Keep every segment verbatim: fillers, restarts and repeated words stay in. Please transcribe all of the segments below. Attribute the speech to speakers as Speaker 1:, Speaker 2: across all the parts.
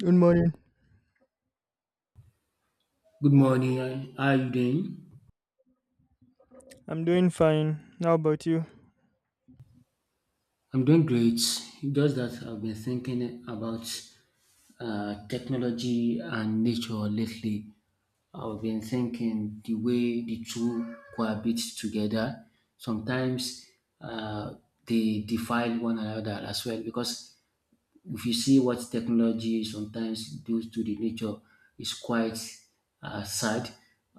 Speaker 1: Good morning.
Speaker 2: Good morning. And How are you doing?
Speaker 1: I'm doing fine. How about you?
Speaker 2: I'm doing great. Just that I've been thinking about uh, technology and nature lately. I've been thinking the way the two cohabit together. Sometimes uh, they defile one another as well, because if you see what technology sometimes does to the nature, it's quite uh, sad.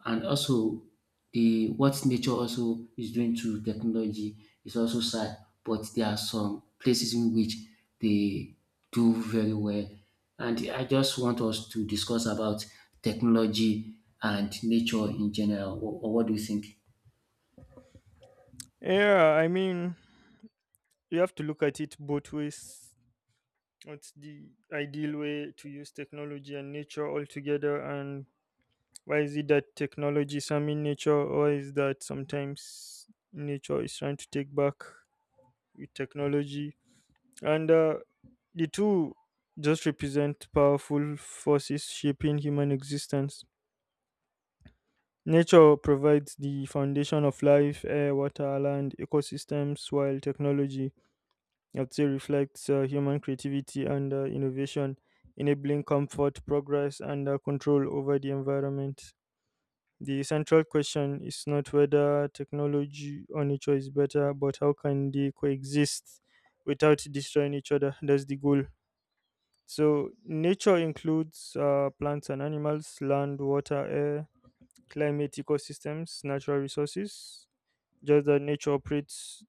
Speaker 2: And also, the what nature also is doing to technology is also sad. But there are some places in which they do very well. And I just want us to discuss about technology and nature in general. Or, or what do you think?
Speaker 1: Yeah, I mean, you have to look at it both ways. What's the ideal way to use technology and nature all together? And why is it that technology is harming nature, or is that sometimes nature is trying to take back with technology? And uh, the two just represent powerful forces shaping human existence. Nature provides the foundation of life, air, water, land, ecosystems, while technology, I'd say, reflects uh, human creativity and uh, innovation, enabling comfort, progress, and uh, control over the environment. The central question is not whether technology or nature is better, but how can they coexist without destroying each other? That's the goal. So, nature includes uh, plants and animals, land, water, air, climate ecosystems, natural resources, just that nature operates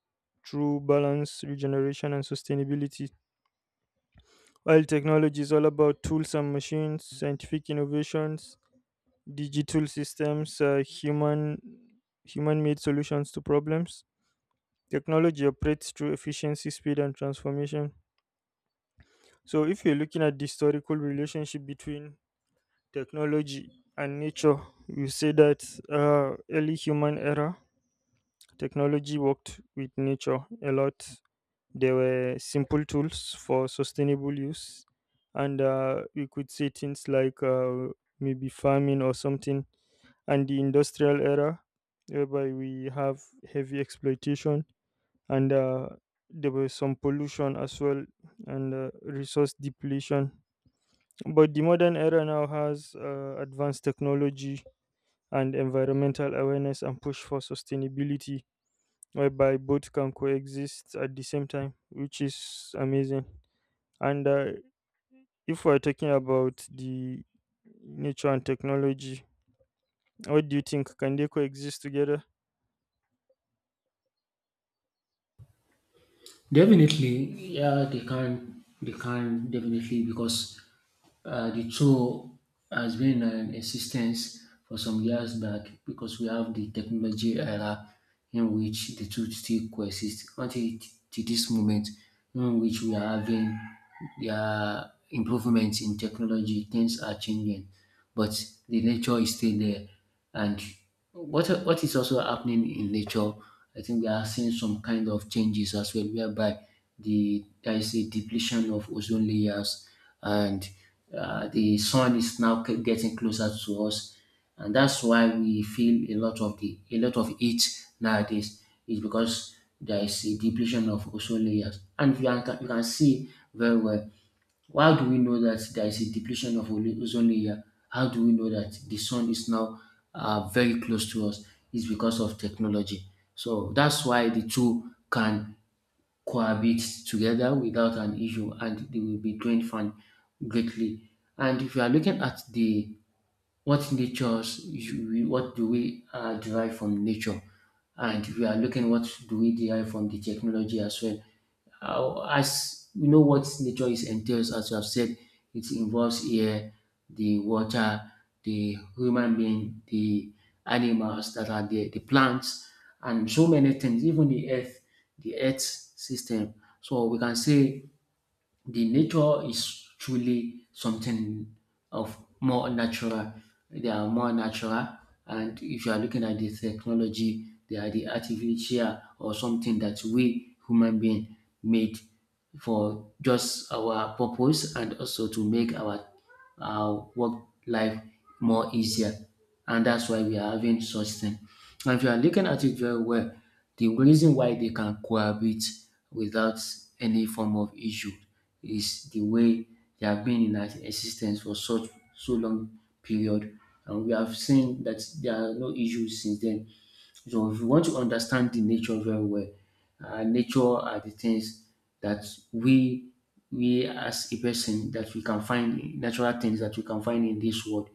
Speaker 1: through balance, regeneration, and sustainability. While technology is all about tools and machines, scientific innovations, digital systems, uh, human human made solutions to problems. Technology operates through efficiency, speed, and transformation. So, if you're looking at the historical relationship between technology and nature, you say that uh, early human era technology worked with nature a lot. There were simple tools for sustainable use, and uh, we could say things like uh, maybe farming or something. And the industrial era, whereby we have heavy exploitation, and uh, there was some pollution as well, and uh, resource depletion. But the modern era now has uh, advanced technology and environmental awareness and push for sustainability, whereby both can coexist at the same time, which is amazing. And uh, if we're talking about the nature and technology, what do you think? Can they coexist together?
Speaker 2: Definitely, yeah, they can, they can definitely, because uh, the tool has been an in existence for some years back, because we have the technology era in which the two still coexist until to this moment in which we are having their improvements in technology. Things are changing, but the nature is still there. And what what is also happening in nature, I think we are seeing some kind of changes as well, whereby the there is a depletion of ozone layers, and uh, the sun is now c- getting closer to us, and that's why we feel a lot of the a lot of heat nowadays. Is because there is a depletion of ozone layers, and you can you can see very well. Why do we know that there is a depletion of ole- ozone layer? How do we know that the sun is now uh, very close to us? It's because of technology. So that's why the two can cohabit together without an issue, and they will be doing fine greatly. And if you are looking at the what natures, you- we- what do we uh, derive from nature? And if you are looking what do we derive from the technology as well? Uh, as we know what nature is entails, as you have said, it involves air, the water, the human being, the animals that are there, the plants, and so many things, even the earth, the earth system. So we can say the nature is truly something of more natural. They are more natural, and if you are looking at the technology, they are the artificial, or something that we human being made for just our purpose and also to make our our work life more easier. And that's why we are having such thing. And if you are looking at it very well, the reason why they can cohabit without any form of issue is the way they have been in ex- existence for such so long period. And we have seen that there are no issues since then. So if you want to understand the nature very well, uh, nature are the things that we we as a person, that we can find natural things that we can find in this world.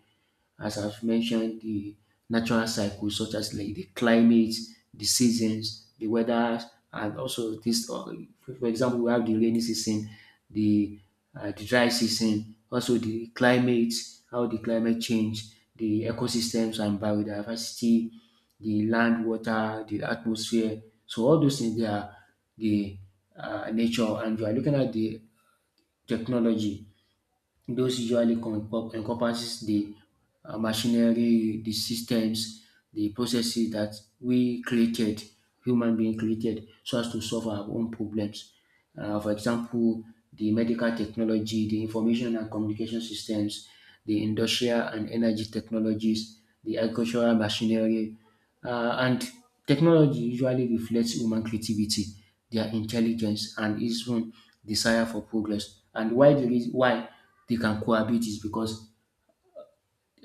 Speaker 2: As I've mentioned, the natural cycles such as like the climate, the seasons, the weather, and also this. uh, For example, we have the rainy season, the uh, the dry season, also the climate, how the climate change, the ecosystems and biodiversity, the land, water, the atmosphere. So all those things, they are the uh, nature. And we are looking at the technology. Those usually compo- encompasses the uh, machinery, the systems, the processes that we created, human being created, so as to solve our own problems. Uh, for example, the medical technology, the information and communication systems, the industrial and energy technologies, the agricultural machinery, uh, and technology usually reflects human creativity, their intelligence, and even desire for progress. And why the reason why they can cohabit is because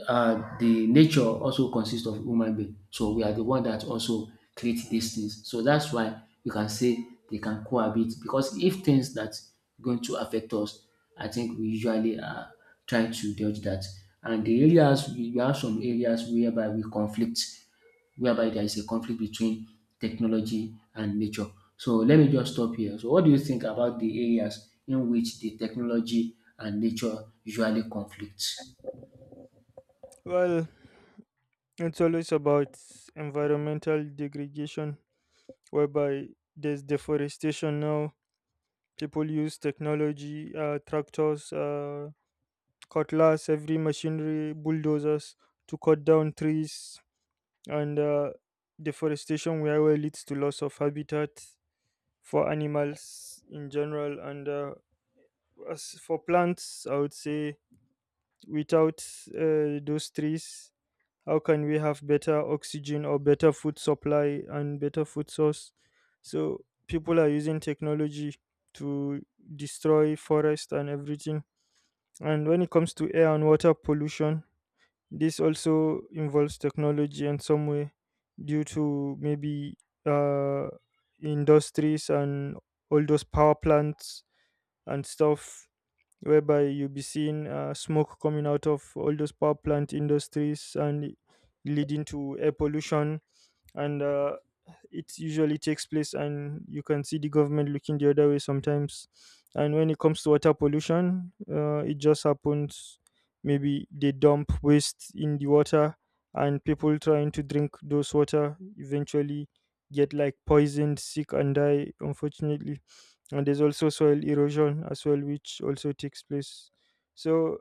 Speaker 2: uh, the nature also consists of human being. So we are the one that also create these things. So that's why you can say they can cohabit, because if things that going to affect us, I think we usually are trying to dodge that. And the areas we we have some areas whereby we conflict, whereby there is a conflict between technology and nature. So let me just stop here. So what do you think about the areas in which the technology and nature usually conflict?
Speaker 1: Well, it's always about environmental degradation, whereby there's deforestation now. People use technology, uh, tractors, uh, cutlass, every machinery, bulldozers to cut down trees, and uh, deforestation where well leads to loss of habitat for animals in general. And uh, as for plants, I would say without uh, those trees, how can we have better oxygen or better food supply and better food source? So people are using technology to destroy forest and everything. And when it comes to air and water pollution, this also involves technology in some way due to maybe uh, industries and all those power plants and stuff, whereby you'll be seeing uh, smoke coming out of all those power plant industries and leading to air pollution, and uh, it usually takes place, and you can see the government looking the other way sometimes. And when it comes to water pollution, uh, it just happens. Maybe they dump waste in the water, and people trying to drink those water eventually get like poisoned, sick and die, unfortunately. And there's also soil erosion as well, which also takes place. So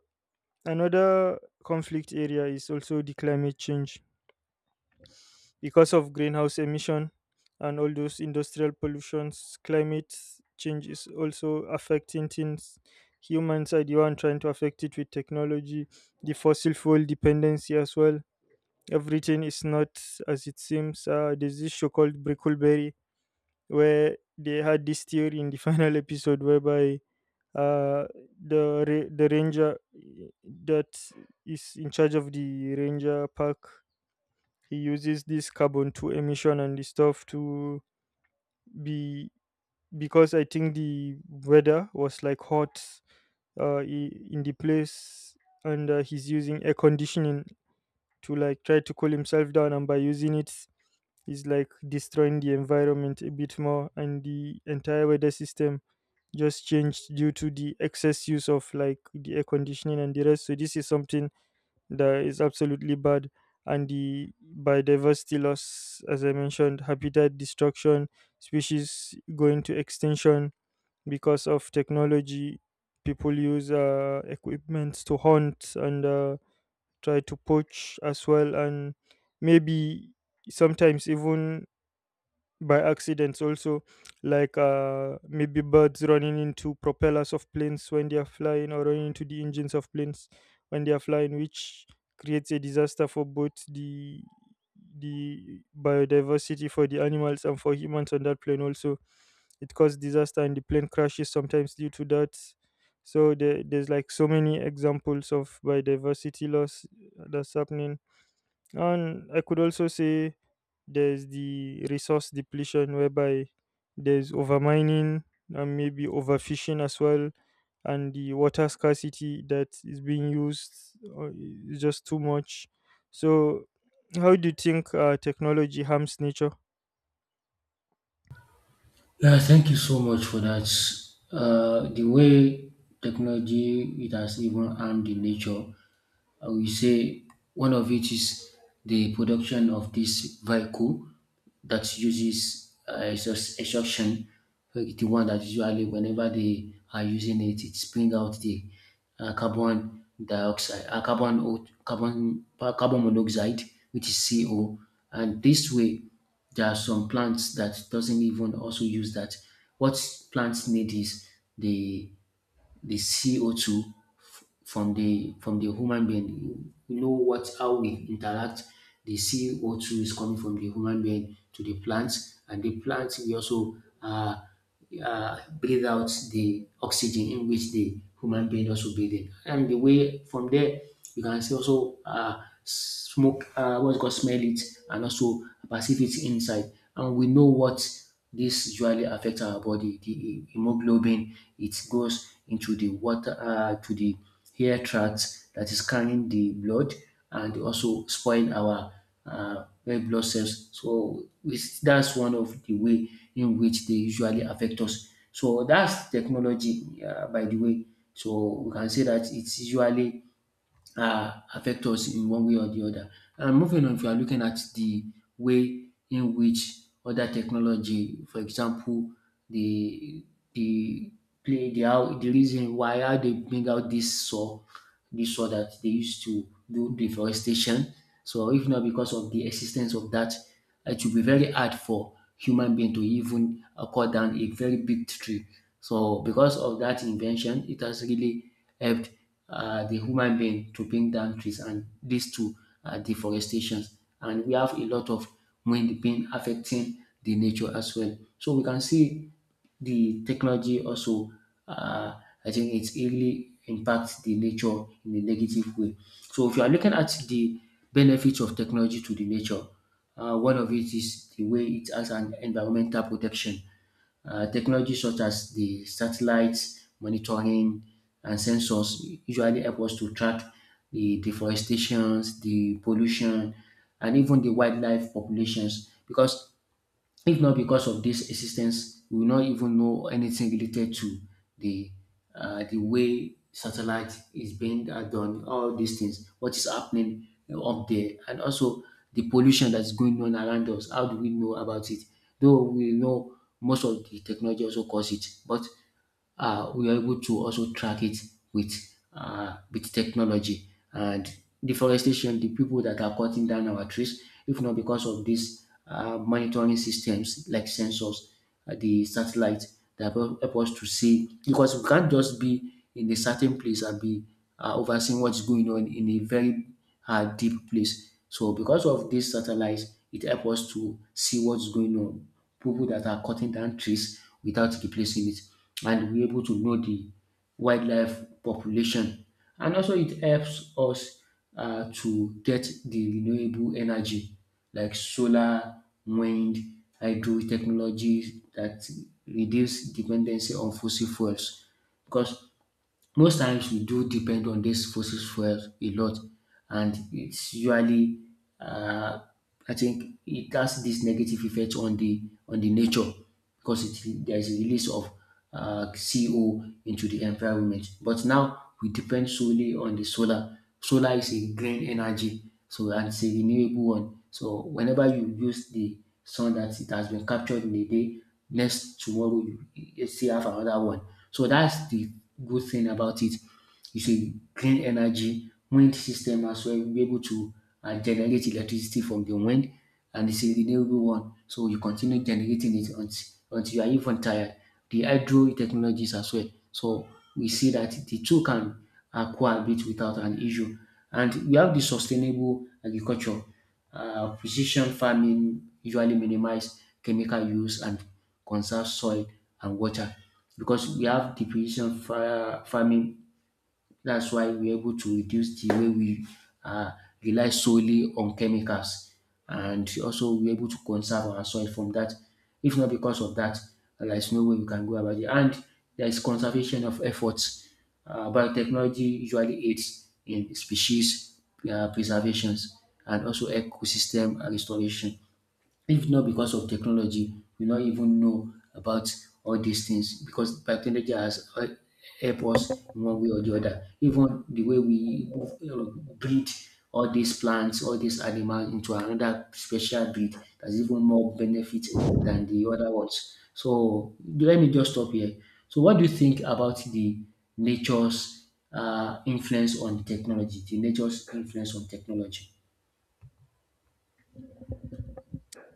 Speaker 1: another conflict area is also the climate change because of greenhouse emission and all those industrial pollutions. Climate change is also affecting things. Humans are the one trying to affect it with technology, the fossil fuel dependency as well. Everything is not as it seems. Uh, there's this show called brickleberry where they had this theory in the final episode, whereby uh the ra- the ranger eh, that is in charge of the ranger park, he uses this carbon two emission and the stuff to be, because I think the weather was like hot uh, i- in the place, and uh, he's using air conditioning to like try to cool himself down, and by using it, he's like destroying the environment a bit more, and the entire weather system just changed due to the excess use of like the air conditioning and the rest. So this is something that is absolutely bad. And the biodiversity loss, as I mentioned, habitat destruction, species going to extinction because of technology. People use uh, equipment to hunt and uh, try to poach as well, and maybe sometimes even by accidents also, like uh maybe birds running into propellers of planes when they are flying, or running into the engines of planes when they are flying, which creates a disaster for both the the biodiversity for the animals and for humans on that plane. Also, it caused disaster and the plane crashes sometimes due to that. So there, there's like so many examples of biodiversity loss that's happening. And I could also say there's the resource depletion, whereby there's overmining and maybe overfishing as well, and the water scarcity that is being used uh, is just too much. So, how do you think uh, technology harms nature?
Speaker 2: Yeah, thank you so much for that. Uh, the way technology it has even harmed the nature, I will say one of it is the production of this vehicle that uses uh, exhaust- exhaustion, like the one that usually whenever they are using it, it brings out the uh, carbon dioxide, uh, carbon, o- carbon, pa- carbon monoxide, which is C O. And this way, there are some plants that doesn't even also use that. What plants need is the the C O two f- from the from the human being. You know what how we interact. The C O two is coming from the human being to the plants, and the plants we also uh, uh, breathe out the oxygen in which the human being also breathe in. And the way from there, you can see also uh, smoke, uh, what's called smell it, and also perceive it inside. And we know what this usually affects our body. The hemoglobin it goes into the water uh, to the air tract that is carrying the blood and also spoil our uh, red blood cells. So it's, that's one of the way in which they usually affect us. So that's technology, uh, by the way. So we can say that it's usually uh, affect us in one way or the other. And moving on, if you are looking at the way in which other technology, for example, the the play the how the reason why how they bring out this saw, this saw that they used to do deforestation. So if not because of the existence of that, it will be very hard for human being to even uh, cut down a very big tree. So because of that invention, it has really helped uh, the human being to bring down trees and leads to uh, deforestation. And we have a lot of wind being affecting the nature as well. So we can see the technology also, uh, I think it really impacts the nature in a negative way. So if you are looking at the benefits of technology to the nature, uh, one of it is the way it has an environmental protection. Uh, technology such as the satellites, monitoring, and sensors usually help us to track the deforestations, the pollution, and even the wildlife populations, because if not because of this assistance, we will not even know anything related to the uh, the way satellite is being uh, done, all these things, what is happening uh, up there, and also the pollution that's going on around us. How do we know about it? Though we know most of the technology also cause it, but uh, we are able to also track it with uh, with technology. And deforestation, the people that are cutting down our trees, if not because of these uh, monitoring systems like sensors, uh, the satellite that will help us to see, because we can't just be in a certain place and be uh, overseeing what's going on in a very uh, deep place. So because of these satellites, it helps us to see what's going on, people that are cutting down trees without replacing it, and we're able to know the wildlife population. And also it helps us uh, to get the renewable energy like solar, wind, hydro technologies that reduce dependency on fossil fuels, because most times we do depend on this fossil fuels a lot, and it's usually uh, I think it has this negative effect on the on the nature, because it, there's a release of uh, C O into the environment. But now we depend solely on the solar. Solar is a green energy, so and it's a renewable one. So whenever you use the sun that it has been captured in a day, next tomorrow you you still have another one. So that's the good thing about it. It's a clean energy wind system as well. We're able to uh, generate electricity from the wind, and it's a renewable one. So you continue generating it until, until you are even tired. The hydro technologies as well. So we see that the two can uh, cohabit without an issue. And we have the sustainable agriculture. Uh, precision farming usually minimize chemical use and conserve soil and water, because we have the precision fa- farming. That's why we're able to reduce the way we uh, rely solely on chemicals. And also, we're able to conserve our soil from that. If not because of that, there's no way we can go about it. And there's conservation of efforts. Uh, biotechnology usually aids in species uh, preservations and also ecosystem restoration. If not because of technology, we not even know about all these things, because technology has hel- help us in one way or the other. Even the way we uh, breed all these plants, all these animals into another special breed that's even more benefit than the other ones. So let me just stop here. So what do you think about the nature's uh, influence on technology? The nature's influence on technology?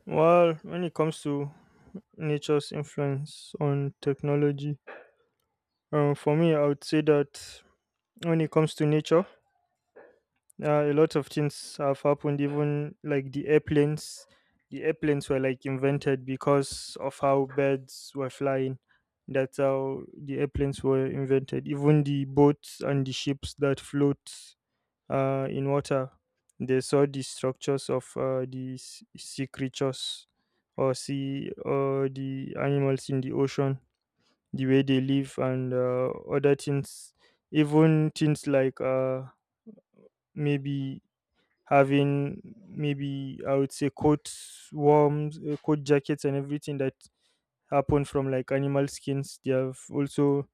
Speaker 1: Well, when it comes to nature's influence on technology, uh, for me, I would say that when it comes to nature, uh, a lot of things have happened, even like the airplanes. The airplanes were like invented because of how birds were flying. That's how the airplanes were invented. Even the boats and the ships that float uh, in water, they saw the structures of uh, the s- sea creatures, or sea or the animals in the ocean, the way they live and uh, other things. Even things like uh, maybe having, maybe I would say coat warms, uh, coat jackets, and everything that happen from like animal skins. They have also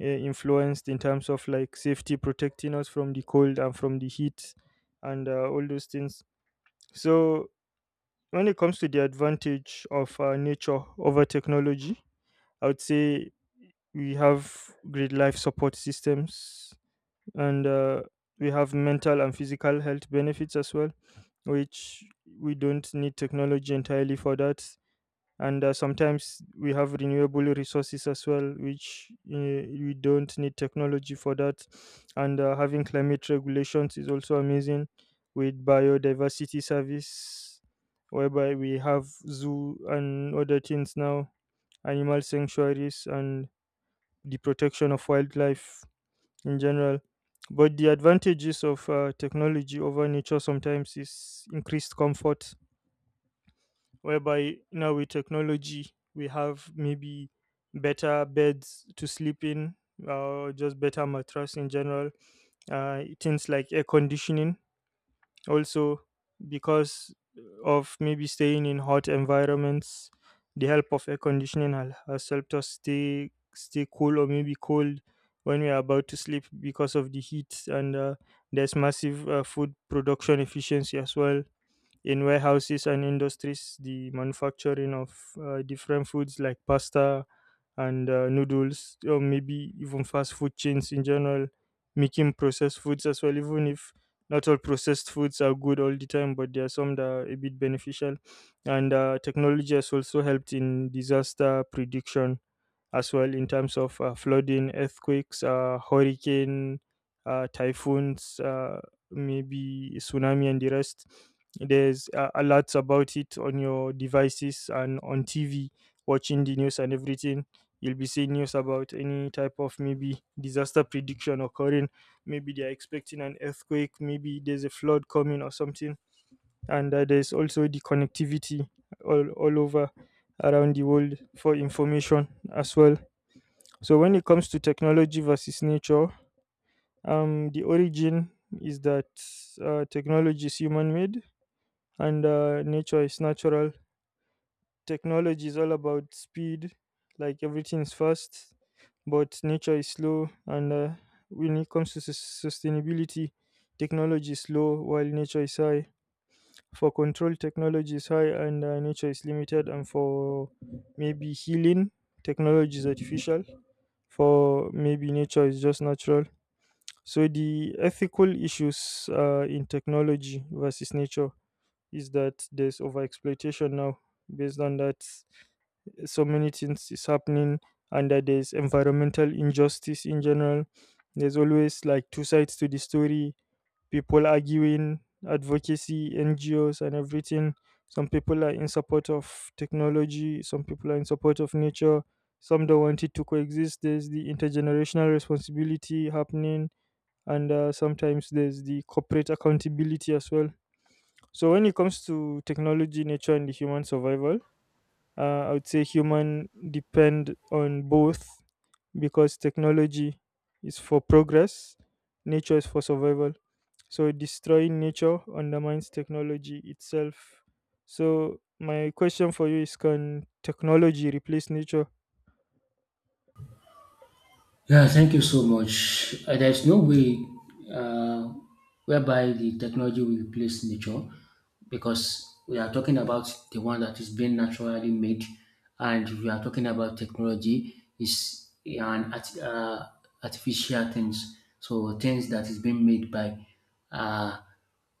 Speaker 1: uh, influenced in terms of like safety, protecting us from the cold and from the heat, and uh, all those things. So when it comes to the advantage of uh, nature over technology, I would say we have great life support systems, and uh, we have mental and physical health benefits as well, which we don't need technology entirely for that. And uh, sometimes we have renewable resources as well, which uh, we don't need technology for that. And uh, having climate regulations is also amazing, with biodiversity service, whereby we have zoo and other things now, animal sanctuaries and the protection of wildlife in general. But the advantages of uh, technology over nature sometimes is increased comfort, whereby now with technology we have maybe better beds to sleep in, uh, just better mattress in general, uh, things like air conditioning also, because of maybe staying in hot environments, the help of air conditioning hel- has helped us stay stay cool or maybe cold when we are about to sleep because of the heat. And uh, there's massive uh, food production efficiency as well in warehouses and industries, the manufacturing of uh, different foods like pasta and uh, noodles, or maybe even fast food chains in general, making processed foods as well, even if not all processed foods are good all the time, but there are some that are a bit beneficial. And uh, technology has also helped in disaster prediction as well in terms of uh, flooding, earthquakes, uh, hurricane, uh, typhoons, uh, maybe tsunami, and the rest. There's uh, alerts about it on your devices and on T V, watching the news and everything. You'll be seeing news about any type of maybe disaster prediction occurring. Maybe they are expecting an earthquake, maybe there's a flood coming or something. And uh, there's also the connectivity all, all over around the world for information as well. So when it comes to technology versus nature, um, the origin is that uh, technology is human-made and uh, nature is natural. Technology is all about speed, like everything is fast, but nature is slow. And uh, when it comes to sus- sustainability, technology is low while nature is high. For control, technology is high and uh, nature is limited. And for maybe healing, technology is artificial. For maybe nature is just natural. So the ethical issues uh, in technology versus nature is that there's overexploitation now. Based on that, so many things is happening, and that there's environmental injustice in general. There's always like two sides to the story. People arguing, advocacy, N G Os, and everything. Some people are in support of technology. Some people are in support of nature. Some don't want it to coexist. There's the intergenerational responsibility happening, and uh, sometimes there's the corporate accountability as well. So when it comes to technology, nature, and the human survival, uh, I would say human depend on both, because technology is for progress, nature is for survival. So destroying nature undermines technology itself. So my question for you is, can technology replace nature?
Speaker 2: Yeah, thank you so much. Uh, there's no way uh, whereby the technology will replace nature, because we are talking about the one that is being naturally made, and we are talking about technology is an art, uh, artificial things. So things that is being made by uh,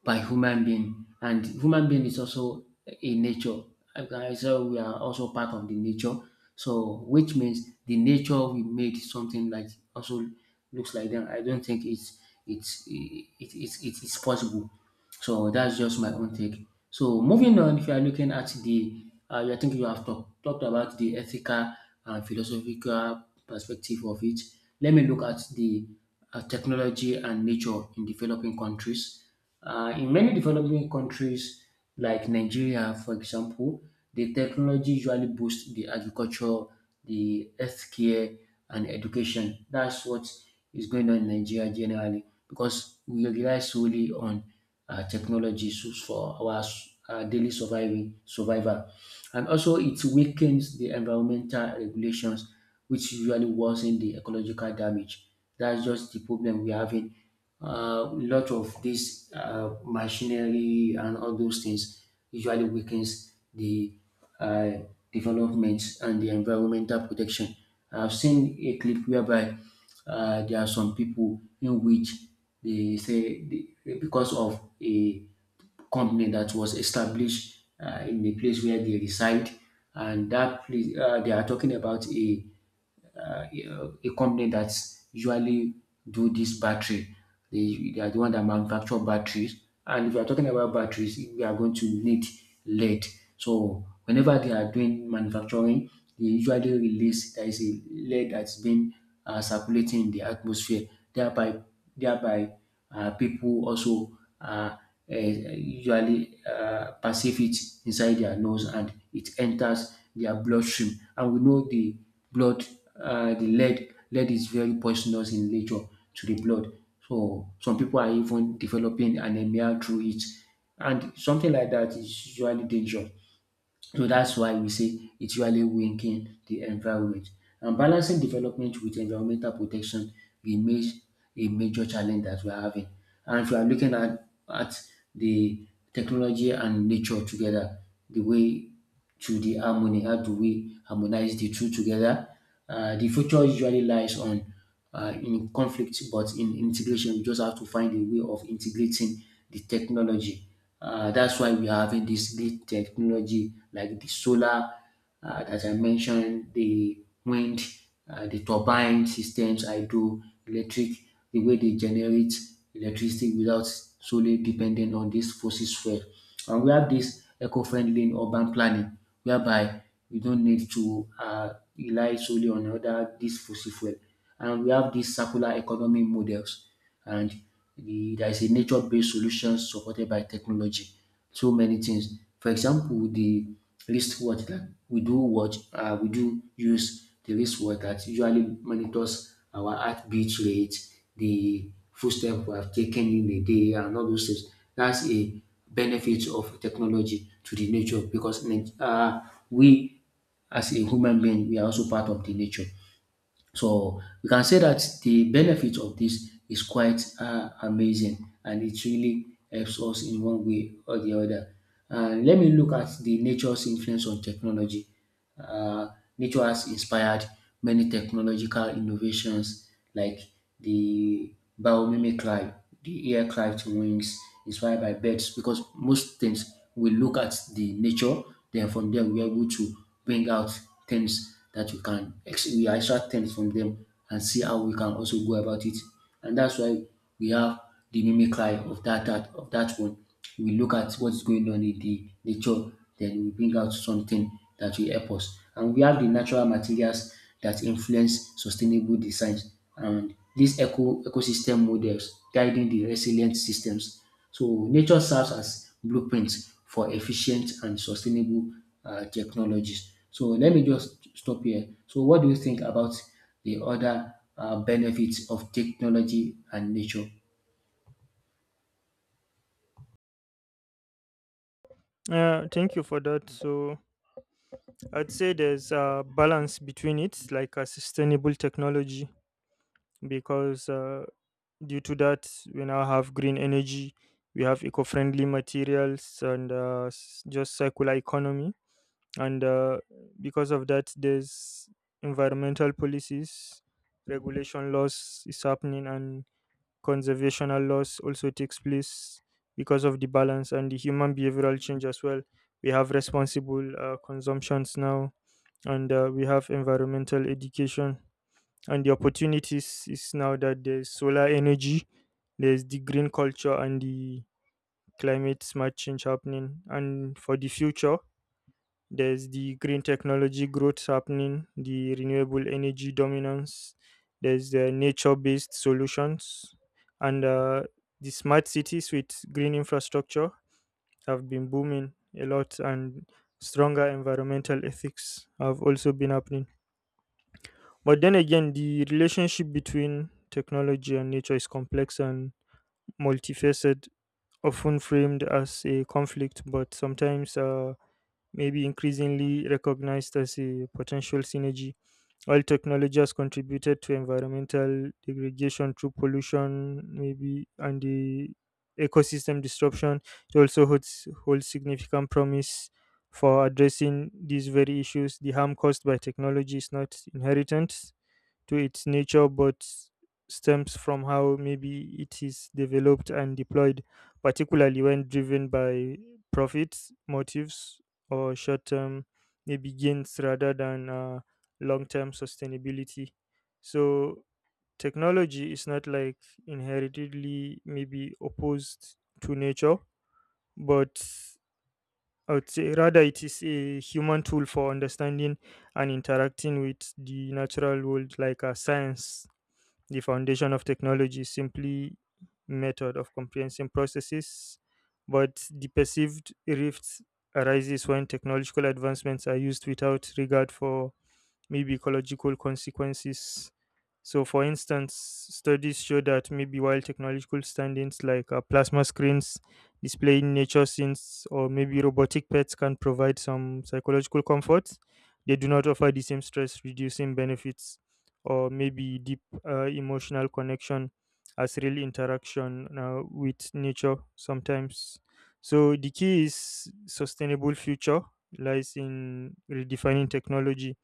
Speaker 2: by human being, and human being is also a nature. Okay, so we are also part of the nature, so which means the nature we made something like also looks like them. I don't think it's it's it, it, it, it is possible. So that's just my own take. So moving on, if you are looking at the, uh, I think you have talk, talked about the ethical and philosophical perspective of it. Let me look at the uh, technology and nature in developing countries. Uh, in many developing countries, like Nigeria, for example, the technology usually boosts the agriculture, the healthcare, and education. That's what is going on in Nigeria generally because we rely solely on uh, technology so- for our s- uh, daily surviving survival. And also it weakens the environmental regulations, which usually worsen the ecological damage. That's just the problem we're having. Uh, A lot of this uh, machinery and all those things usually weakens the uh, development and the environmental protection. I've seen a clip whereby uh, there are some people in which they say they, because of a company that was established uh, in the place where they reside, and that place uh, they are talking about a uh, a company that usually do this battery. They, they are the one that manufacture batteries. And if you are talking about batteries, we are going to need lead. So whenever they are doing manufacturing, they usually release, there is a lead that's been uh, circulating in the atmosphere. Thereby, thereby uh, people also uh, uh, usually uh, perceive it inside their nose and it enters their bloodstream. And we know the blood, uh, the lead, lead is very poisonous in nature to the blood. So some people are even developing anemia through it. And something like that is usually dangerous. So that's why we say it's usually winking the environment. And balancing development with environmental protection remains a major challenge that we're having. And if we are looking at, at the technology and nature together, the way to the harmony. How do we harmonize the two together? Uh, the future usually lies on uh, in conflict, but in integration, we just have to find a way of integrating the technology. Uh, that's why we are having this great technology like the solar, uh, as I mentioned, the wind, uh, the turbine systems, hydroelectric, the way they generate electricity without solely depending on this fossil fuel. And we have this eco-friendly in urban planning, whereby we don't need to uh, rely solely on other this fossil fuel. And we have these circular economy models, and the, there is a nature-based solution supported by technology. So many things. For example, the wristwatch that we do watch, uh, we do use the wristwatch that usually monitors our heartbeat rate, the footstep we have taken in a day, and all those things. That's a benefit of technology to the nature because nat- uh, we as a human being, we are also part of the nature. So we can say that the benefit of this is quite um amazing, and it really helps us in one way or the other. And let me look at the nature's influence on technology. uh, Nature has inspired many technological innovations like the biomimic cry, the air cry to wings inspired by birds, because most things we look at the nature, then from there we're able to bring out things that we can, ex- we extract things from them and see how we can also go about it. And that's why we have the mimicry of that, that of that one, we look at what is going on in the nature, then we bring out something that will help us. And we have the natural materials that influence sustainable designs and these eco ecosystem models guiding the resilient systems. So nature serves as blueprints for efficient and sustainable uh, technologies. So let me just stop here. So what do you think about the other uh, benefits of technology and nature?
Speaker 1: Uh, thank you for that. So I'd say there's a balance between it, like a sustainable technology, because uh, due to that, we now have green energy, we have eco friendly materials, and uh, s- just circular economy. And uh, because of that, there's environmental policies, regulation laws is happening, and conservational laws also takes place because of the balance and the human behavioral change as well. We have responsible uh, consumptions now, and uh, we have environmental education, and the opportunities is now that there's solar energy. There's the green culture and the climate smart change happening. And for the future, there's the green technology growth happening, the renewable energy dominance. There's the nature based solutions, and uh, the smart cities with green infrastructure have been booming a lot, and stronger environmental ethics have also been happening. But then again, the relationship between technology and nature is complex and multifaceted, often framed as a conflict, but sometimes uh, maybe increasingly recognized as a potential synergy. While technology has contributed to environmental degradation through pollution, maybe, and the ecosystem disruption, it also holds, holds significant promise for addressing these very issues. The harm caused by technology is not inheritance to its nature, but stems from how maybe it is developed and deployed, particularly when driven by profits, motives, or short term maybe gains rather than uh, long term sustainability. So, technology is not like inheritedly maybe opposed to nature, but I would say rather it is a human tool for understanding and interacting with the natural world, like a science. The foundation of technology is simply method of comprehension processes, but the perceived rift arises when technological advancements are used without regard for maybe ecological consequences. So, for instance, studies show that maybe while technological standings like uh, plasma screens, displaying nature scenes, or maybe robotic pets can provide some psychological comfort, they do not offer the same stress reducing benefits or maybe deep uh, emotional connection as real interaction uh, with nature sometimes. So, the key is sustainable future lies in redefining technology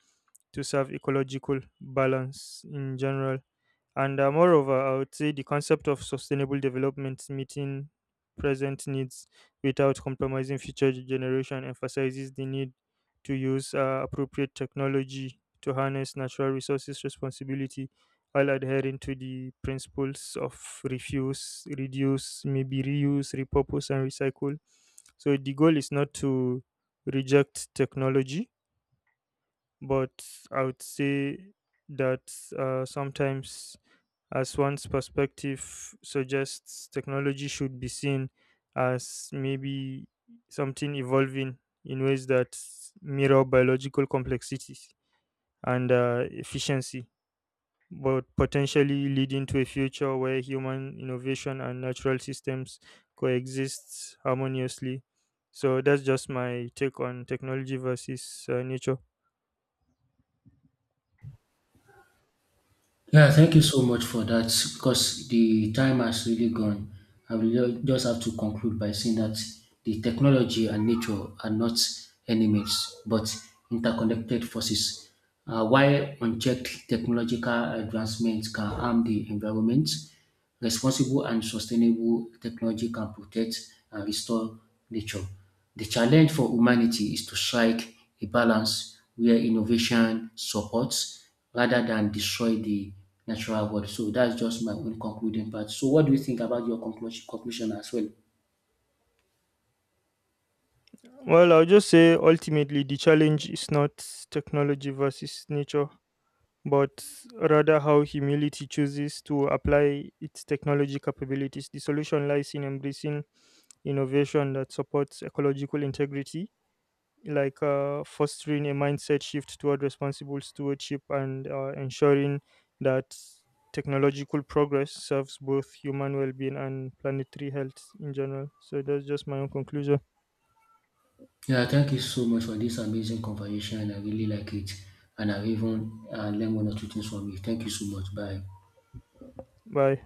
Speaker 1: to serve ecological balance in general. And uh, moreover, I would say the concept of sustainable development, meeting present needs without compromising future generation, emphasizes the need to use uh, appropriate technology to harness natural resources responsibility, while adhering to the principles of refuse, reduce, maybe reuse, repurpose, and recycle. So the goal is not to reject technology, but I would say that uh, sometimes, as one's perspective suggests, technology should be seen as maybe something evolving in ways that mirror biological complexity and uh, efficiency, but potentially leading to a future where human innovation and natural systems coexist harmoniously. So that's just my take on technology versus uh, nature.
Speaker 2: Yeah, thank you so much for that, because the time has really gone. I will ju- just have to conclude by saying that the technology and nature are not enemies but interconnected forces. Uh, while unchecked, technological advancements can harm the environment. Responsible and sustainable technology can protect and restore nature. The challenge for humanity is to strike a balance where innovation supports rather than destroy the natural world. So that's just my own concluding part. So what do you think about your conclusion, conclusion as well?
Speaker 1: Well, I'll just say ultimately the challenge is not technology versus nature, but rather how humility chooses to apply its technology capabilities. The solution lies in embracing innovation that supports ecological integrity, like uh, fostering a mindset shift toward responsible stewardship and uh, ensuring that technological progress serves both human well being and planetary health in general. So that's just my own conclusion.
Speaker 2: Yeah, thank you so much for this amazing conversation. I really like it, and I've even uh, learned one or two things from you. Thank you so much. Bye.
Speaker 1: Bye.